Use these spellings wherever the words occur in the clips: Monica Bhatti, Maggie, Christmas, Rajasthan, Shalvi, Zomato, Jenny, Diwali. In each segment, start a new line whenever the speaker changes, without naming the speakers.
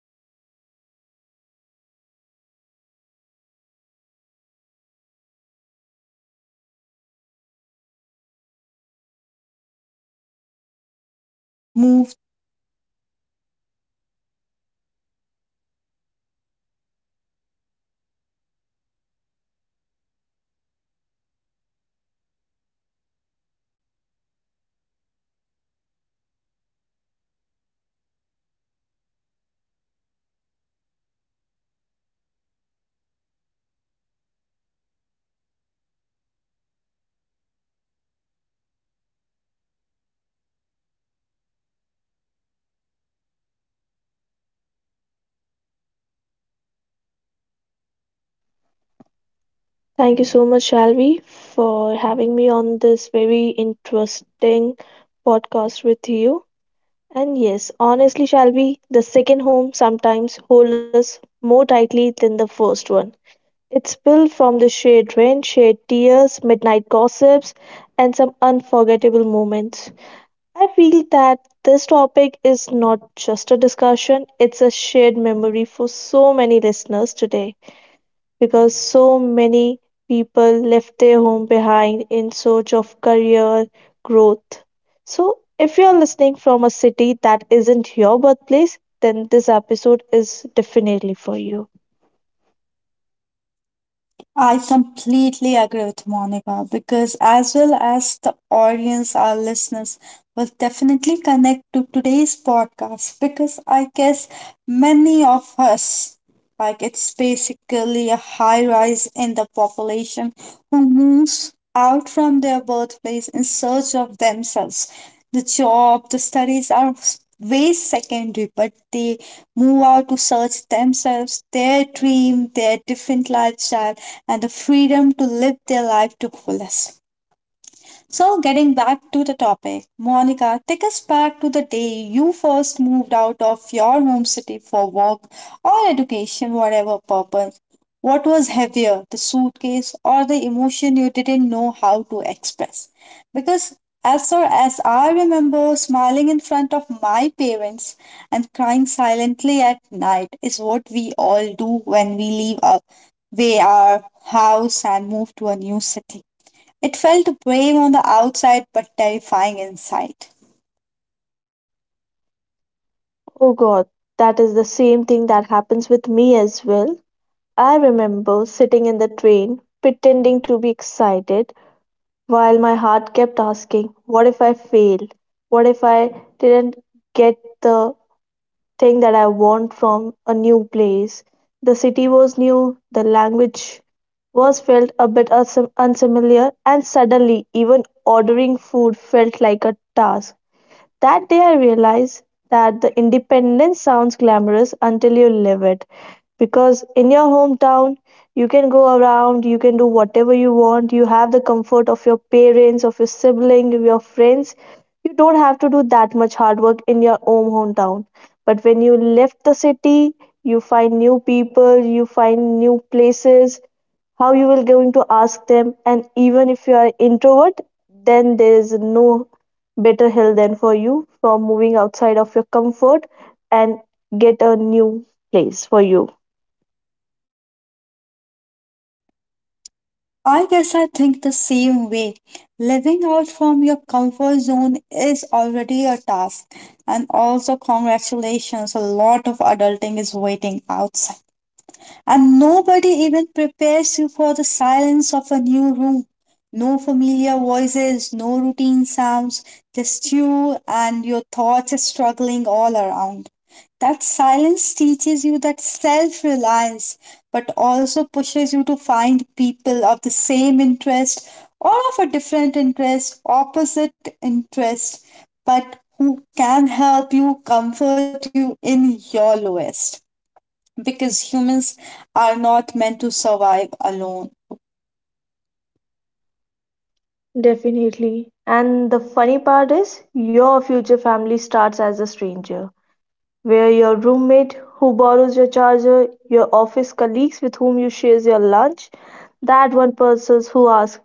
Welcome back to my podcast. And today's episode is very close to my heart because it's about people who pack their lives into suitcases and move to a different state for work. So today's topic is home away from home, where we talk about emotions we rarely pause to feel. Some leave comfort, some leave fear, but everyone leaves a piece of home behind. And somewhere along the way, we build another home made of people, not walls. So, please welcome the guest, today's guest, Monica Bhatti, to discuss this emotion and to share this emotion with me as well as with the audience.
Thank you so much, Shalvi, for having me on this very interesting podcast with you. And yes, honestly, Shalvi, the second home sometimes holds us more tightly than the first one. It's built from the shared rain, shared tears, midnight gossips, and some unforgettable moments. I feel that this topic is not just a discussion, it's a shared memory for so many listeners today because so many people left their home behind in search of career growth. So, if you're listening from a city that isn't your birthplace, then this episode is definitely for you.
I completely agree with Monica because, as well as the audience, our listeners will definitely connect to today's podcast because I guess many of us like it's basically a high rise in the population who moves out from their birthplace in search of themselves. The job, the studies are way secondary, but they move out to search themselves, their dream, their different lifestyle, and the freedom to live their life to fullest. So, getting back to the topic, Monica, take us back to the day you first moved out of your home city for work or education, whatever purpose. What was heavier, the suitcase or the emotion you didn't know how to express? Because as far as I remember, smiling in front of my parents and crying silently at night is what we all do when we leave our house and move to a new city. It felt brave on the outside but terrifying inside.
Oh god, that is the same thing that happens with me as well. I remember sitting in the train, pretending to be excited, while my heart kept asking, what if I fail? What if I didn't get the thing that I want from a new place. The city was new, the language was felt a bit unfamiliar, and suddenly, even ordering food felt like a task. That day I realized that the independence sounds glamorous until you live it. Because in your hometown, you can go around, you can do whatever you want, you have the comfort of your parents, of your sibling, of your friends. You don't have to do that much hard work in your own hometown. But when you left the city, you find new people, you find new places, how you will going to ask them, and even if you are introvert, then there is no better help than for you from moving outside of your comfort and get a new place for you.
I guess I think the same way. Living out from your comfort zone is already a task. And also, congratulations, a lot of adulting is waiting outside. And nobody even prepares you for the silence of a new room. No familiar voices, no routine sounds, just you and your thoughts struggling all around. That silence teaches you that self reliance, but also pushes you to find people of the same interest or of a different interest, opposite interest, but who can help you, comfort you in your lowest because humans are not meant to survive alone.
Definitely. And the funny part is your future family starts as a stranger. Where your roommate who borrows your charger, your office colleagues with whom you share your lunch, that one person who asks,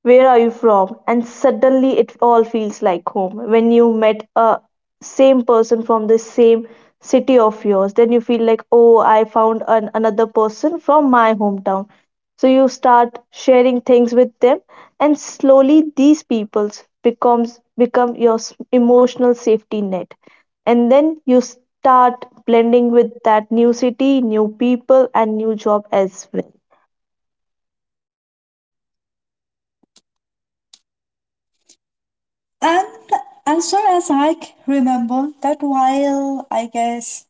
where are you from? And suddenly it all feels like home. When you met a same person from the same city of yours, then you feel like, oh, I found an, another person from my hometown. So you start sharing things with them, and slowly these peoples become your emotional safety net, and then you start blending with that new city, new people, and new job as well.
And as far as I remember, that while I guess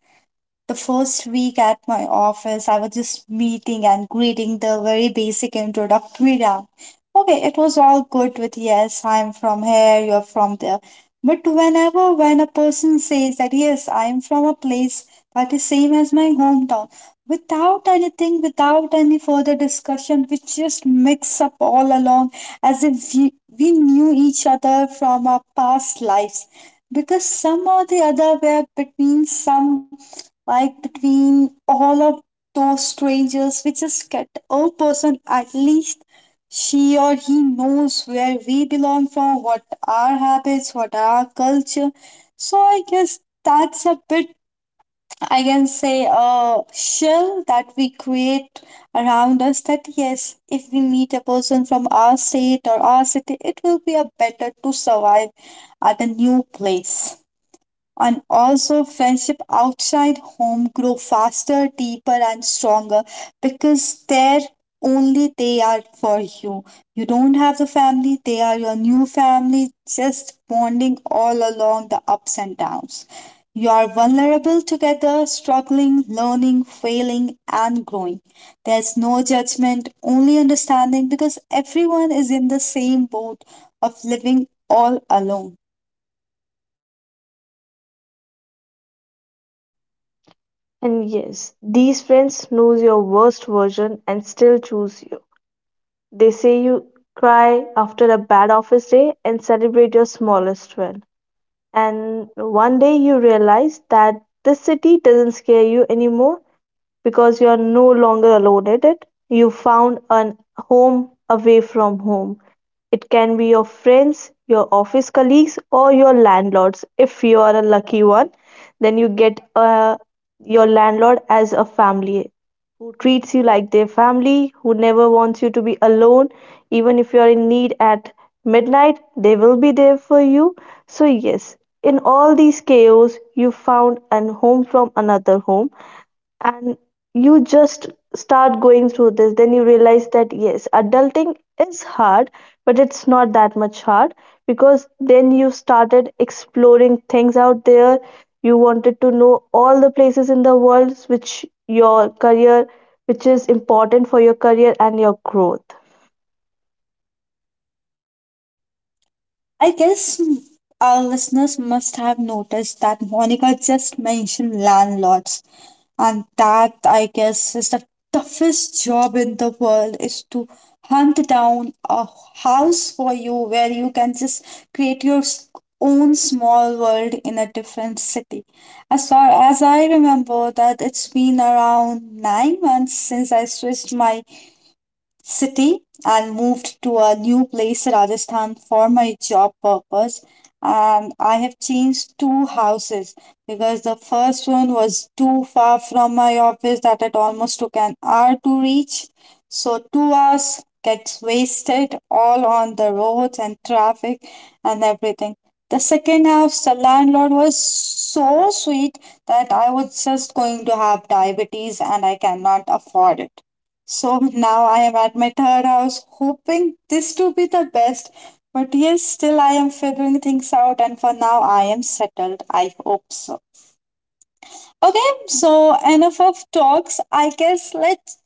the first week at my office, I was just meeting and greeting the very basic introductory round. Okay, it was all good with yes, I'm from here, you're from there. But whenever when a person says that yes, I'm from a place that is same as my hometown, without anything, without any further discussion, we just mix up all along as if we knew each other from our past lives because some or the other were between some, like between all of those strangers, we just get a person. At least she or he knows where we belong from, what our habits, what our culture. So I guess that's a bit, I can say, a shell that we create around us that yes, if we meet a person from our state or our city, it will be a better to survive at a new place. And also friendship outside home grow faster, deeper and stronger because there only they are for you. You don't have the family, they are your new family, just bonding all along the ups and downs. You are vulnerable together, struggling, learning, failing and growing. There's no judgment, only understanding because everyone is in the same boat of living all alone.
And yes, these friends knows your worst version and still choose you. They say you cry after a bad office day and celebrate your smallest win. And one day you realize that this city doesn't scare you anymore, because you are no longer alone in it. You found a home away from home. It can be your friends, your office colleagues, or your landlords. If you are a lucky one, then you get your landlord as a family who treats you like their family, who never wants you to be alone. Even if you are in need at midnight, they will be there for you. So, yes, in all these chaos, you found an home from another home, and you just start going through this, then you realize that yes, adulting is hard, but it's not that much hard, because then you started exploring things out there. You wanted to know all the places in the world which your career, which is important for your career and your growth.
I guess our listeners must have noticed that Monica just mentioned landlords, and that I guess is the toughest job in the world, is to hunt down a house for you where you can just create your own small world in a different city. As far as I remember, that it's been around 9 months since I switched my city and moved to a new place, Rajasthan, for my job purpose. And I have changed two houses because the first one was too far from my office that it almost took an hour to reach. So, 2 hours gets wasted all on the roads and traffic and everything. The second house, the landlord was so sweet that I was just going to have diabetes and I cannot afford it. So now I am at my third house, hoping this to be the best. But yes, still I am figuring things out, and for now I am settled. I hope so. Okay, so enough of talks. I guess let's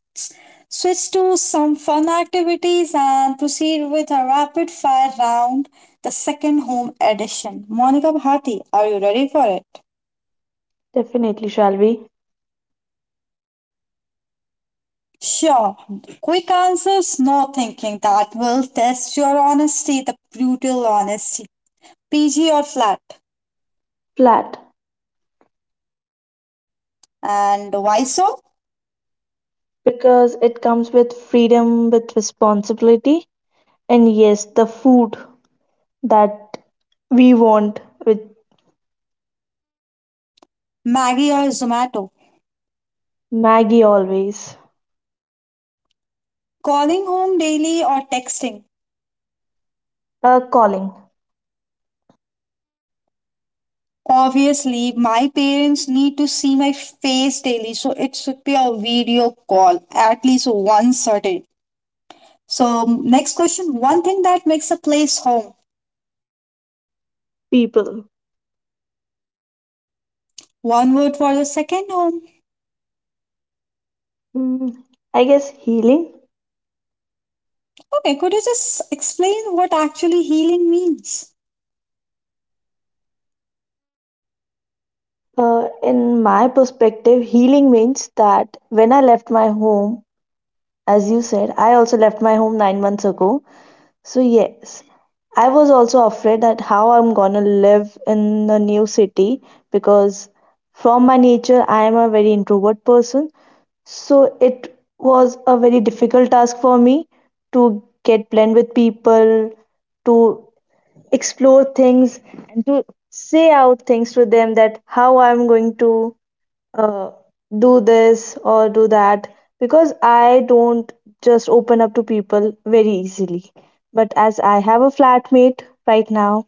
switch to some fun activities and proceed with a rapid fire round, the second home edition. Monica Bhati, are you ready for it?
Definitely, shall we
Sure. Quick answers, no thinking. That will test your honesty, the brutal honesty. PG or flat.
flat.
And why so?
Because it comes with freedom with responsibility, and yes, the food that we want with.
Maggie or Zomato.
Maggie always.
Calling home daily or texting.
Calling.
Obviously, my parents need to see my face daily, so it should be a video call at least once a day. So,
So,
next
next question.
question, one thing that makes a place home.
People.
One word for the second home.
Mm, I guess healing.
Okay, could you just explain what actually healing means?
In my perspective, healing means that when I left my home, as you said, I also left my home 9 months ago. So, yes, I was also afraid that how I'm gonna live in the new city, because from my nature, I am a very introvert person. So, it was a very difficult task for me to get blend with people, to explore things, and to say out things to them that how I'm going to uh, do this or do that, because I don't just open up to people very easily. But as I have a flatmate right now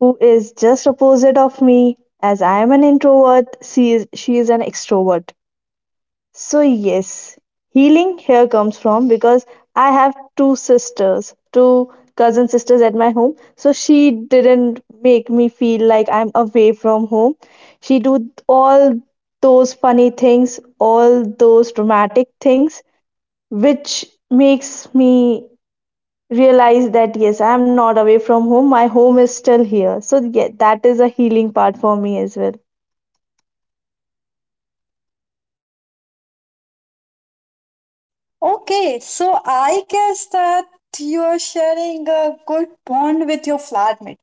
who is just opposite of me, as I am an introvert, she is an extrovert. So yes, healing here comes from because I have two sisters, two cousin sisters at my home. So she didn't make me feel like I'm away from home. She do all those funny things, all those dramatic things, which makes me realize that yes, I'm not away from home. My home is still here. So yeah, that is a healing part for me as well.
Okay, so I guess that you are sharing a good bond with your flatmate.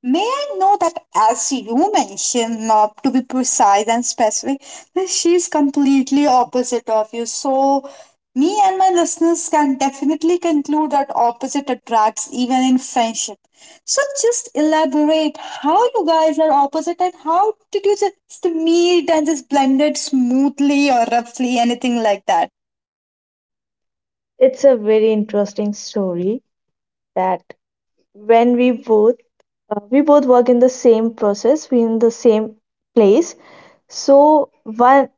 May I know that as you mentioned, to be precise and specific, that she's completely opposite of you. So me and my listeners can definitely conclude that opposite attracts even in friendship. So just elaborate how you guys are opposite and how did you just meet and just blended smoothly or roughly anything like that?
It's a very interesting story that when we both work in the same process, we in the same place. So one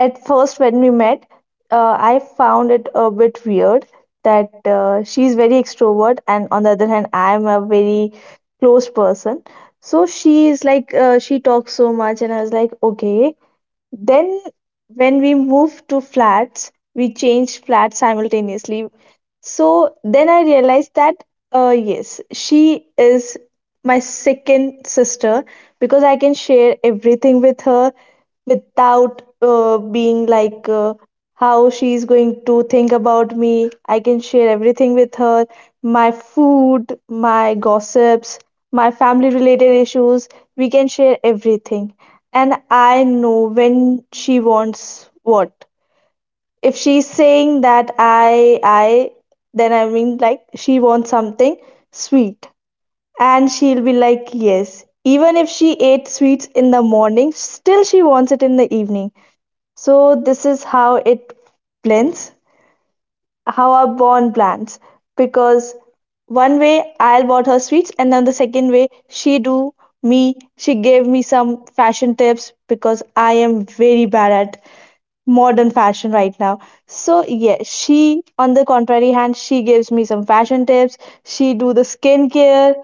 at first when we met, I found it a bit weird that she's very extrovert and on the other hand I'm a very close person. So she is like, she talks so much and I was like, okay. Then, when we moved to flats, we changed flats simultaneously. So then I realized that, yes, she is my second sister, because I can share everything with her without being like how she's going to think about me. I can share everything with her, my food, my gossips, my family related issues. We can share everything. And I know when she wants what. If she's saying that I, then I mean like she wants something sweet. And she'll be like, yes. Even if she ate sweets in the morning, still she wants it in the evening. So this is how it blends, how our bond blends. Because one way I'll bought her sweets, and then the second way she do me. She gave me some fashion tips because I am very bad at modern fashion right now. So yeah, she on the contrary hand, she gives me some fashion tips. She do the skincare,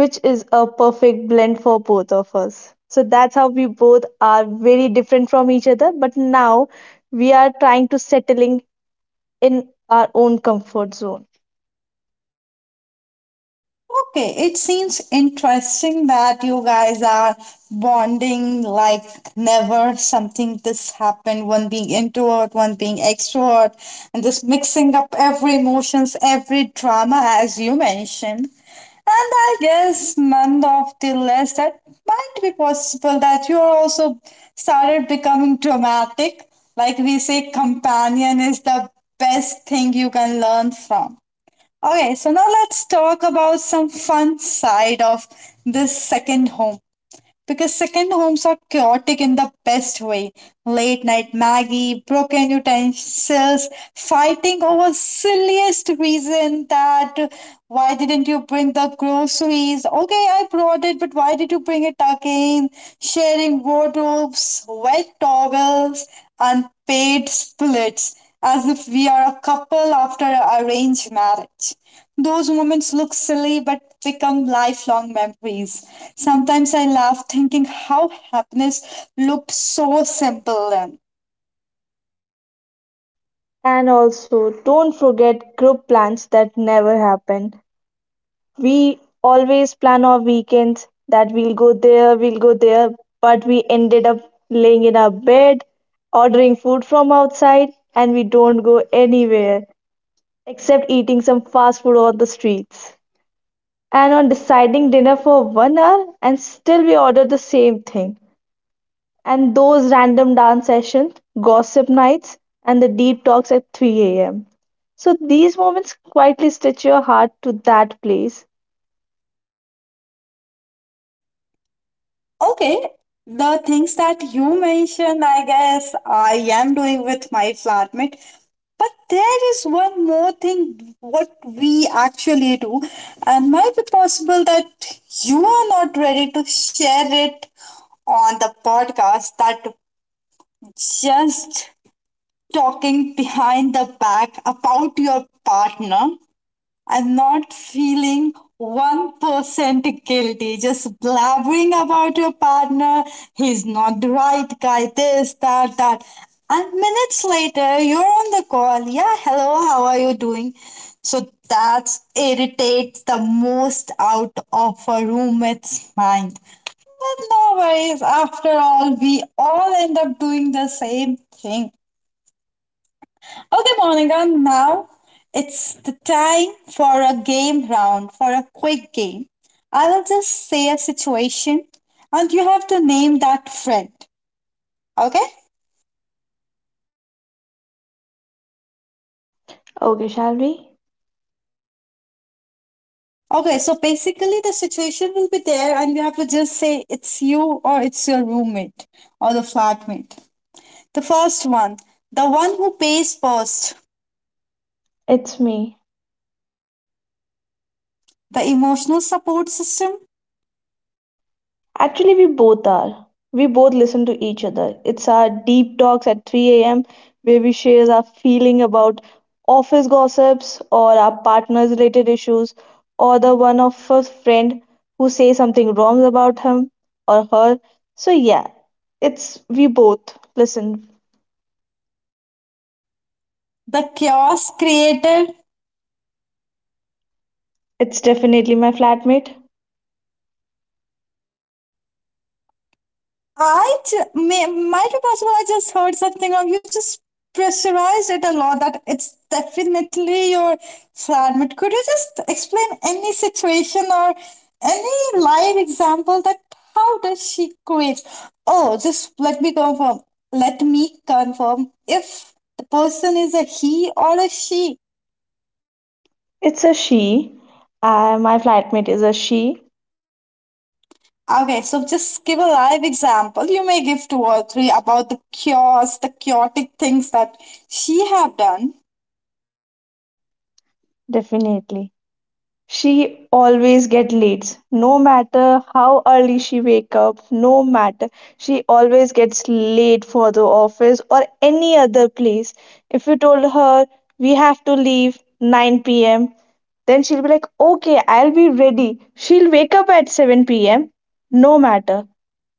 which is a perfect blend for both of us. So that's how we both are very different from each other, but now we are trying to settling in our own comfort zone.
Okay, it seems interesting that you guys are bonding like never. Something this happened, one being introvert, one being extrovert, and just mixing up every emotions, every drama, as you mentioned. And I guess none of the less that might be possible that you are also started becoming dramatic. Like we say, companion is the best thing you can learn from. Okay, so now let's talk about some fun side of this second home. Because second homes are chaotic in the best way. Late night Maggie, broken utensils, fighting over silliest reason that why didn't you bring the groceries? Okay, I brought it, but why did you bring it again? Sharing wardrobes, wet towels, unpaid splits as if we are a couple after an arranged marriage. Those moments look silly but become lifelong memories. Sometimes I laugh thinking how happiness looked so simple then.
And also, don't forget group plans that never happen. We always plan our weekends that we'll go there, but we ended up laying in our bed, ordering food from outside, and we don't go anywhere except eating some fast food on the streets. And on deciding dinner for one hour and still we order the same thing. And those random dance sessions, gossip nights, and the deep talks at 3 a.m. So these moments quietly stitch your heart to that place.
Okay, the things that you mentioned, I guess I am doing with my flatmate. But there is one more thing what we actually do, and might be possible that you are not ready to share it on the podcast, that just talking behind the back about your partner and not feeling 1% guilty, just blabbering about your partner. He's not the right guy, this, that, that. And minutes later, you're on the call. Yeah, hello, how are you doing? So that irritates the most out of a roommate's mind. But no worries, after all, we all end up doing the same thing. Okay, Monica, now it's the time for a game round, for a quick game. I will just say a situation and you have to name that friend. Okay?
Okay, shall we?
Okay, so basically the situation will be there and you have to just say it's you or it's your roommate or the flatmate. The first one, the one who pays first,
It's me.
the emotional support system,
Actually, we both are. We both listen to each other. It's our deep talks at 3 a.m. where we share our feeling about office gossips or our partners related issues or the one of a friend who says something wrong about him or her. So yeah, it's we both listen.
the chaos creator,
It's definitely my flatmate.
I might be possible. I just heard something wrong. You just pressurized it a lot. That it's definitely your flatmate. Could you just explain any situation or any live example that how does she quit? Oh, just let me confirm. Let me confirm if the person is a he or a she.
It's a she. My flatmate is a she,
Okay, so just give a live example. You may give two or three about the chaos, the chaotic things that she have done.
definitely. She always get late. No matter how early she wake up, no matter she always gets late for the office or any other place. If you told her we have to leave 9 p.m., then she'll be like, "Okay, I'll be ready." She'll wake up at 7 p.m. No matter.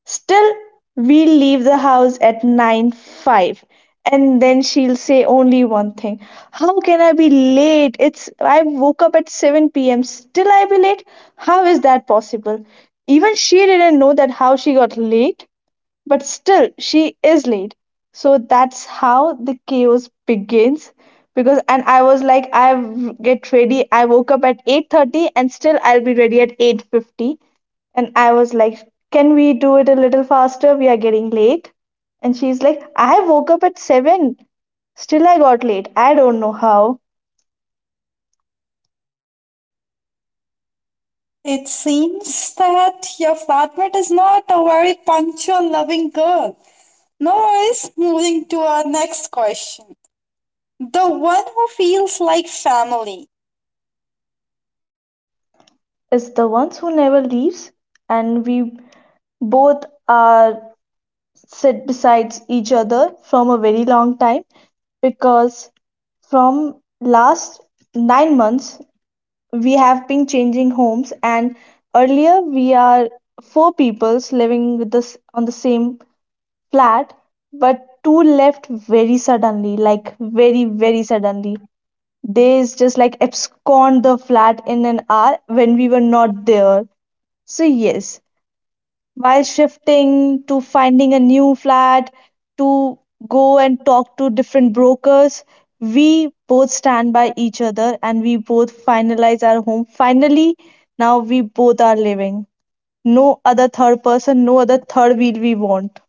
Still, we'll leave the house at nine five, and then she'll say only one thing. How can I be late? It's I woke up at 7 p.m. Still I be late? How is that possible? Even she didn't know that how she got late. But still, she is late. So that's how the chaos begins. Because and I was like, get ready. I woke up at 8:30 and still I'll be ready at 8:50. And I was like, can we do it a little faster? We are getting late. And she's like, I woke up at 7. Still, I got late. I don't know how.
It seems that your flatmate is not a very punctual, loving girl. No worries, moving to our next question. The one who feels like family.
It's the ones who never leaves, and we both are sit besides each other from a very long time, because from last 9 months we have been changing homes, and earlier we are four peoples living with us on the same flat, but two left very suddenly, like very suddenly. They is just like abscond the flat in an hour when we were not there. So yes, while shifting to finding a new flat, to go and talk to different brokers, we both stand by each other and we both finalize our home finally. Now we both are living, no other third person, no other third wheel we want.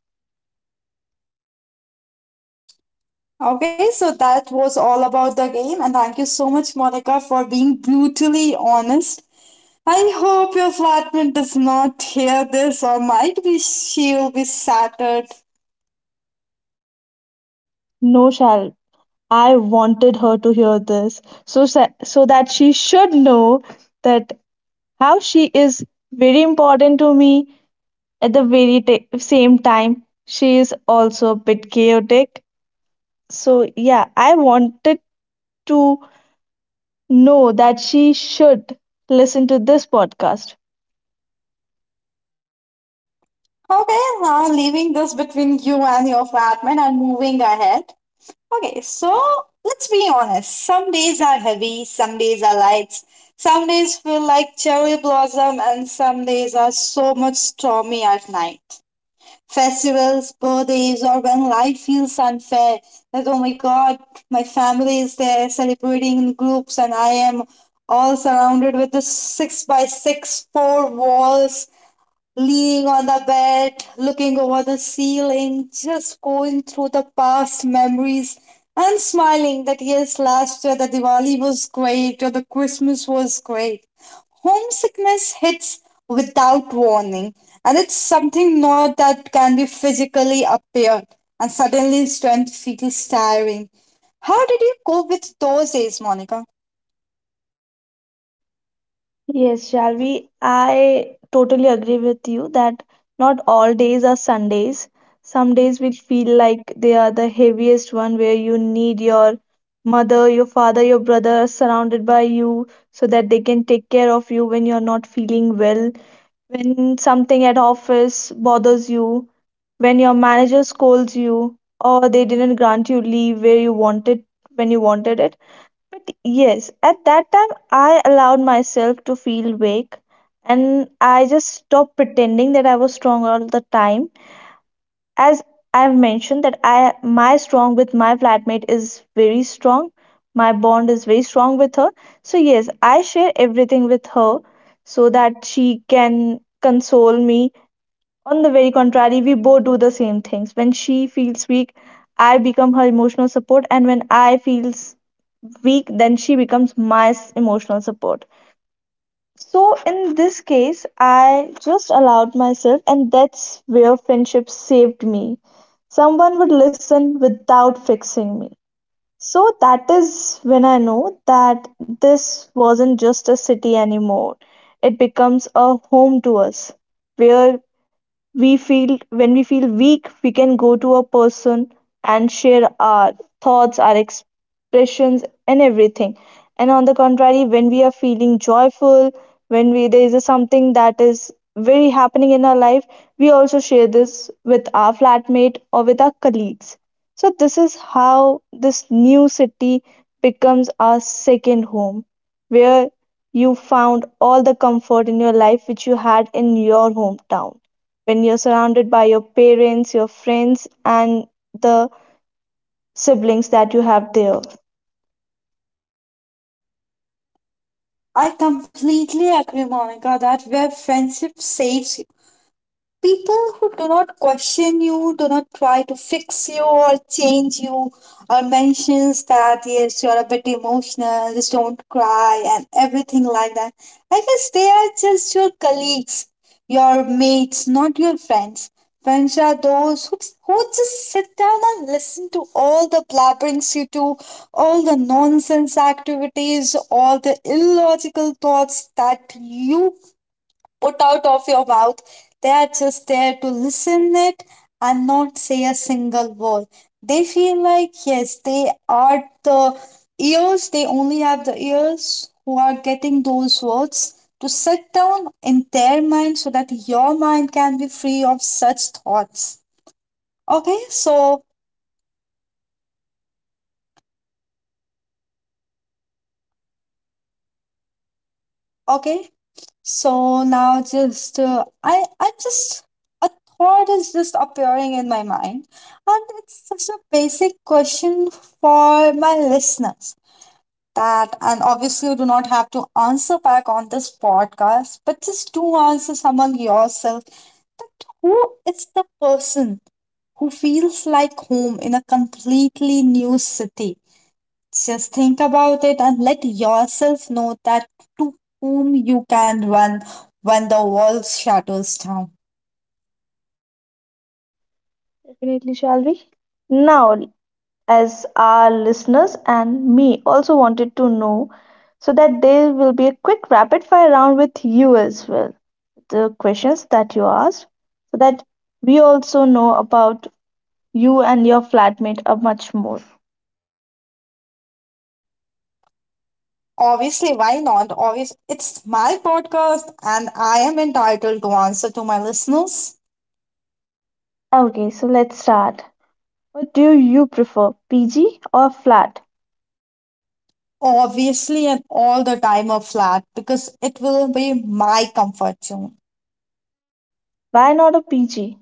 Okay, so that was all about the game, and thank you so much, Monica, for being brutally honest. I hope your flatmate does not hear this, or might be she will be shattered.
No, shall I wanted her to hear this, so so that she should know that how she is very important to me. At the very ta same time, she is also a bit chaotic. So, yeah, I wanted to know that she should listen to this podcast.
Okay, now leaving this between you and your flatmate and moving ahead. Okay, so let's be honest. Some days are heavy, some days are light, some days feel like cherry blossom, and some days are so much stormy at night. Festivals, birthdays, or when life feels unfair. Like, oh my god, my family is there celebrating in groups, and I am all surrounded with the six by six four walls, leaning on the bed, looking over the ceiling, just going through the past memories and smiling that yes, last year the Diwali was great or the Christmas was great. Homesickness hits without warning, and it's something not that can be physically appeared, and suddenly strength feels tiring. How did you cope with those days, Monica?
Yes, Shalvi, I totally agree with you that not all days are Sundays. Some days will feel like they are the heaviest one where you need your mother, your father, your brother surrounded by you so that they can take care of you when you're not feeling well. When something at office bothers you, when your manager scolds you, or they didn't grant you leave where you wanted when you wanted it. But yes, at that time I allowed myself to feel weak, and I just stopped pretending that I was strong all the time. As I've mentioned that I my strong with my flatmate is very strong. My bond is very strong with her. So yes, I share everything with her so that she can console me. On the very contrary, we both do the same things. When she feels weak, I become her emotional support, and when I feels weak, then she becomes my emotional support. So in this case, I just allowed myself, and that's where friendship saved me. Someone would listen without fixing me. So that is when I know that this wasn't just a city anymore. It becomes a home to us, where we feel, when we feel weak we can go to a person and share our thoughts, our expressions, and everything. And on the contrary, when we are feeling joyful, when we there is a something that is very happening in our life, we also share this with our flatmate or with our colleagues. So this is how this new city becomes our second home, where you found all the comfort in your life which you had in your hometown, when you're surrounded by your parents, your friends, and the siblings that you have there.
I completely agree, Monica, that where friendship saves you. People who do not question you, do not try to fix you or change you, or mentions that yes, you are a bit emotional, just don't cry, and everything like that. I guess they are just your colleagues, your mates, not your friends. Friends are those who just sit down and listen to all the blabberings you do, all the nonsense activities, all the illogical thoughts that you put out of your mouth. They are just there to listen it and not say a single word. They feel like, yes, they are the ears, they only have the ears who are getting those words to sit down in their mind so that your mind can be free of such thoughts. Okay, so, okay, So now just I just a thought is just appearing in my mind, and it's just a basic question for my listeners, that and obviously you do not have to answer back on this podcast, but just do answer among yourself who is the person who feels like home in a completely new city. Just think about it and let yourself know that to whom you can run when the world shatters down.
Definitely, shall we? Now, as our listeners and me also wanted to know, so that there will be a quick rapid fire round with you as well, the questions that you asked, so that we also know about you and your flatmate a much more.
Obviously, why not? Obvious, it's my podcast and I am entitled to answer to my listeners.
Okay, so let's start. What do you prefer, PG or flat?
Obviously, and all the time of flat, because it will be my comfort zone.
Why not a PG?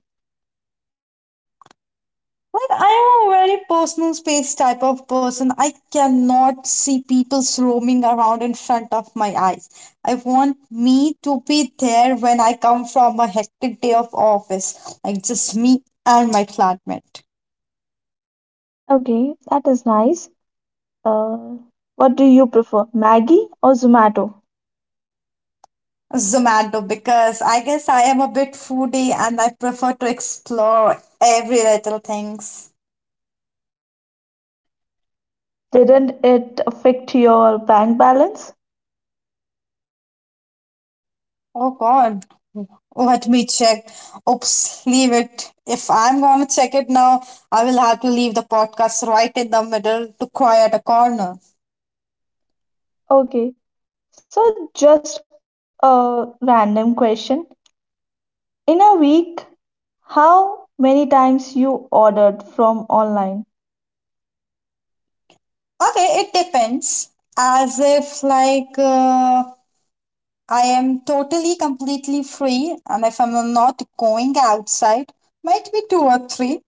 Well, I am a very personal space type of person. I cannot see people roaming around in front of my eyes. I want me to be there when I come from a hectic day of office, like just me and my flatmate.
Okay, that is nice. Uh, what do you prefer, Maggie or Zomato?
Zomato, because I guess I am a bit foodie and I prefer to explore every little things.
Didn't it affect your bank balance?
Oh God, let me check. Oops, leave it. If I'm gonna check it now, I will have to leave the podcast right in the middle to quiet a corner.
Okay, so just a random question. In a week, how many times you ordered from online?
Okay, it depends. As if, like, I am totally completely free, and if I'm not going outside, might be two or three.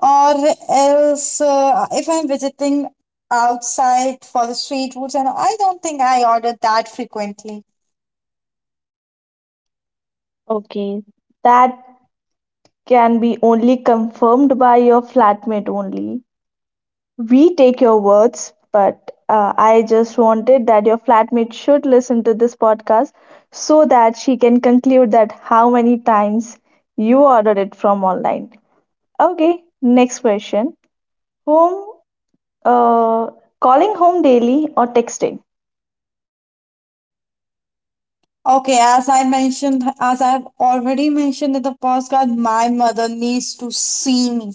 Or else, if I'm visiting outside for the street foods, and I don't think I order that frequently.
Okay, that can be only confirmed by your flatmate only. We take your words, but I just wanted that your flatmate should listen to this podcast so that she can conclude that how many times you ordered it from online. Okay, next question. Home, uh, calling home daily or texting?
Okay, as I mentioned, as I've already mentioned in the podcast, my mother needs to see me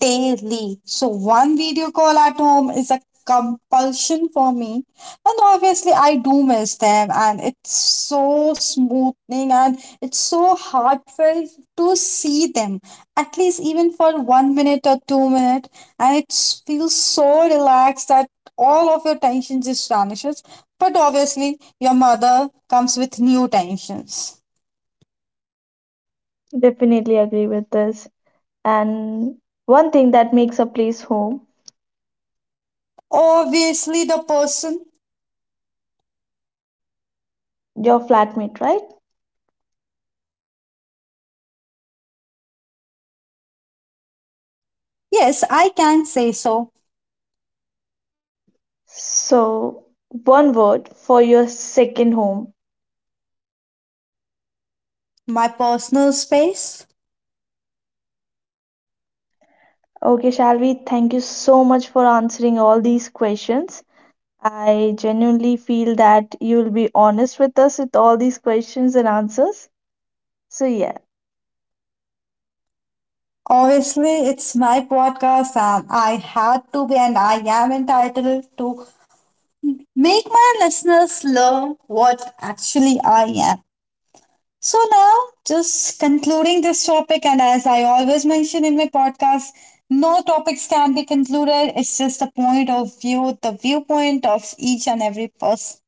daily. So, one video call at home is a compulsion for me. And obviously, I do miss them, and it's so smoothing and it's so heartfelt to see them, at least even for one minute or 2 minutes. And it feels so relaxed that all of your tension just vanishes. But obviously, your mother comes with new tensions.
Definitely agree with this. And one thing that makes a place home,
Obviously, the person,
your flatmate, right?
yes, I can say so,
So, one word for your second home.
my personal space.
Okay, Shalvi, thank you so much for answering all these questions. I genuinely feel that you'll be honest with us with all these questions and answers. So yeah,
Obviously, it's my podcast, and I had to be, and I am entitled to make my listeners learn what actually I am. So, now just concluding this topic, and as I always mention in my podcast, no topics can be concluded, it's just the point of view, the viewpoint of each and every person.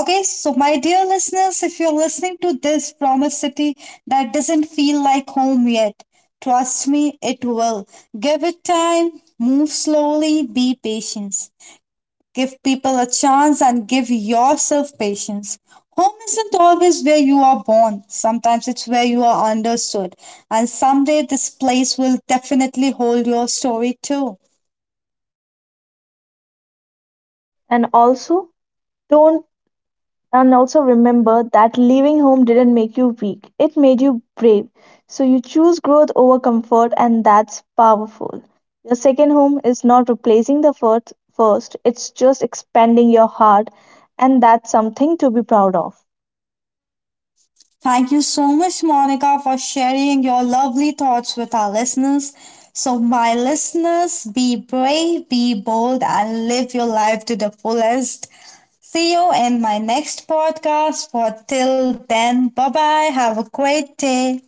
Okay, so my dear listeners, if you're listening to this from a city that doesn't feel like home yet, trust me, it will. Give it time, move slowly, be patient. Give people a chance and give yourself patience. Home isn't always where you are born, sometimes it's where you are understood, and someday this place will definitely hold your story too.
and also don't and also remember that leaving home didn't make you weak. It made you brave. So you choose growth over comfort and that's powerful. Your second home is not replacing the first. It's just expanding your heart and that's something to be proud of.
Thank you so much, Monica, for sharing your lovely thoughts with our listeners. So, my listeners, be brave, be bold, and live your life to the fullest. See you in my next podcast. For till then, bye bye. Have a great day.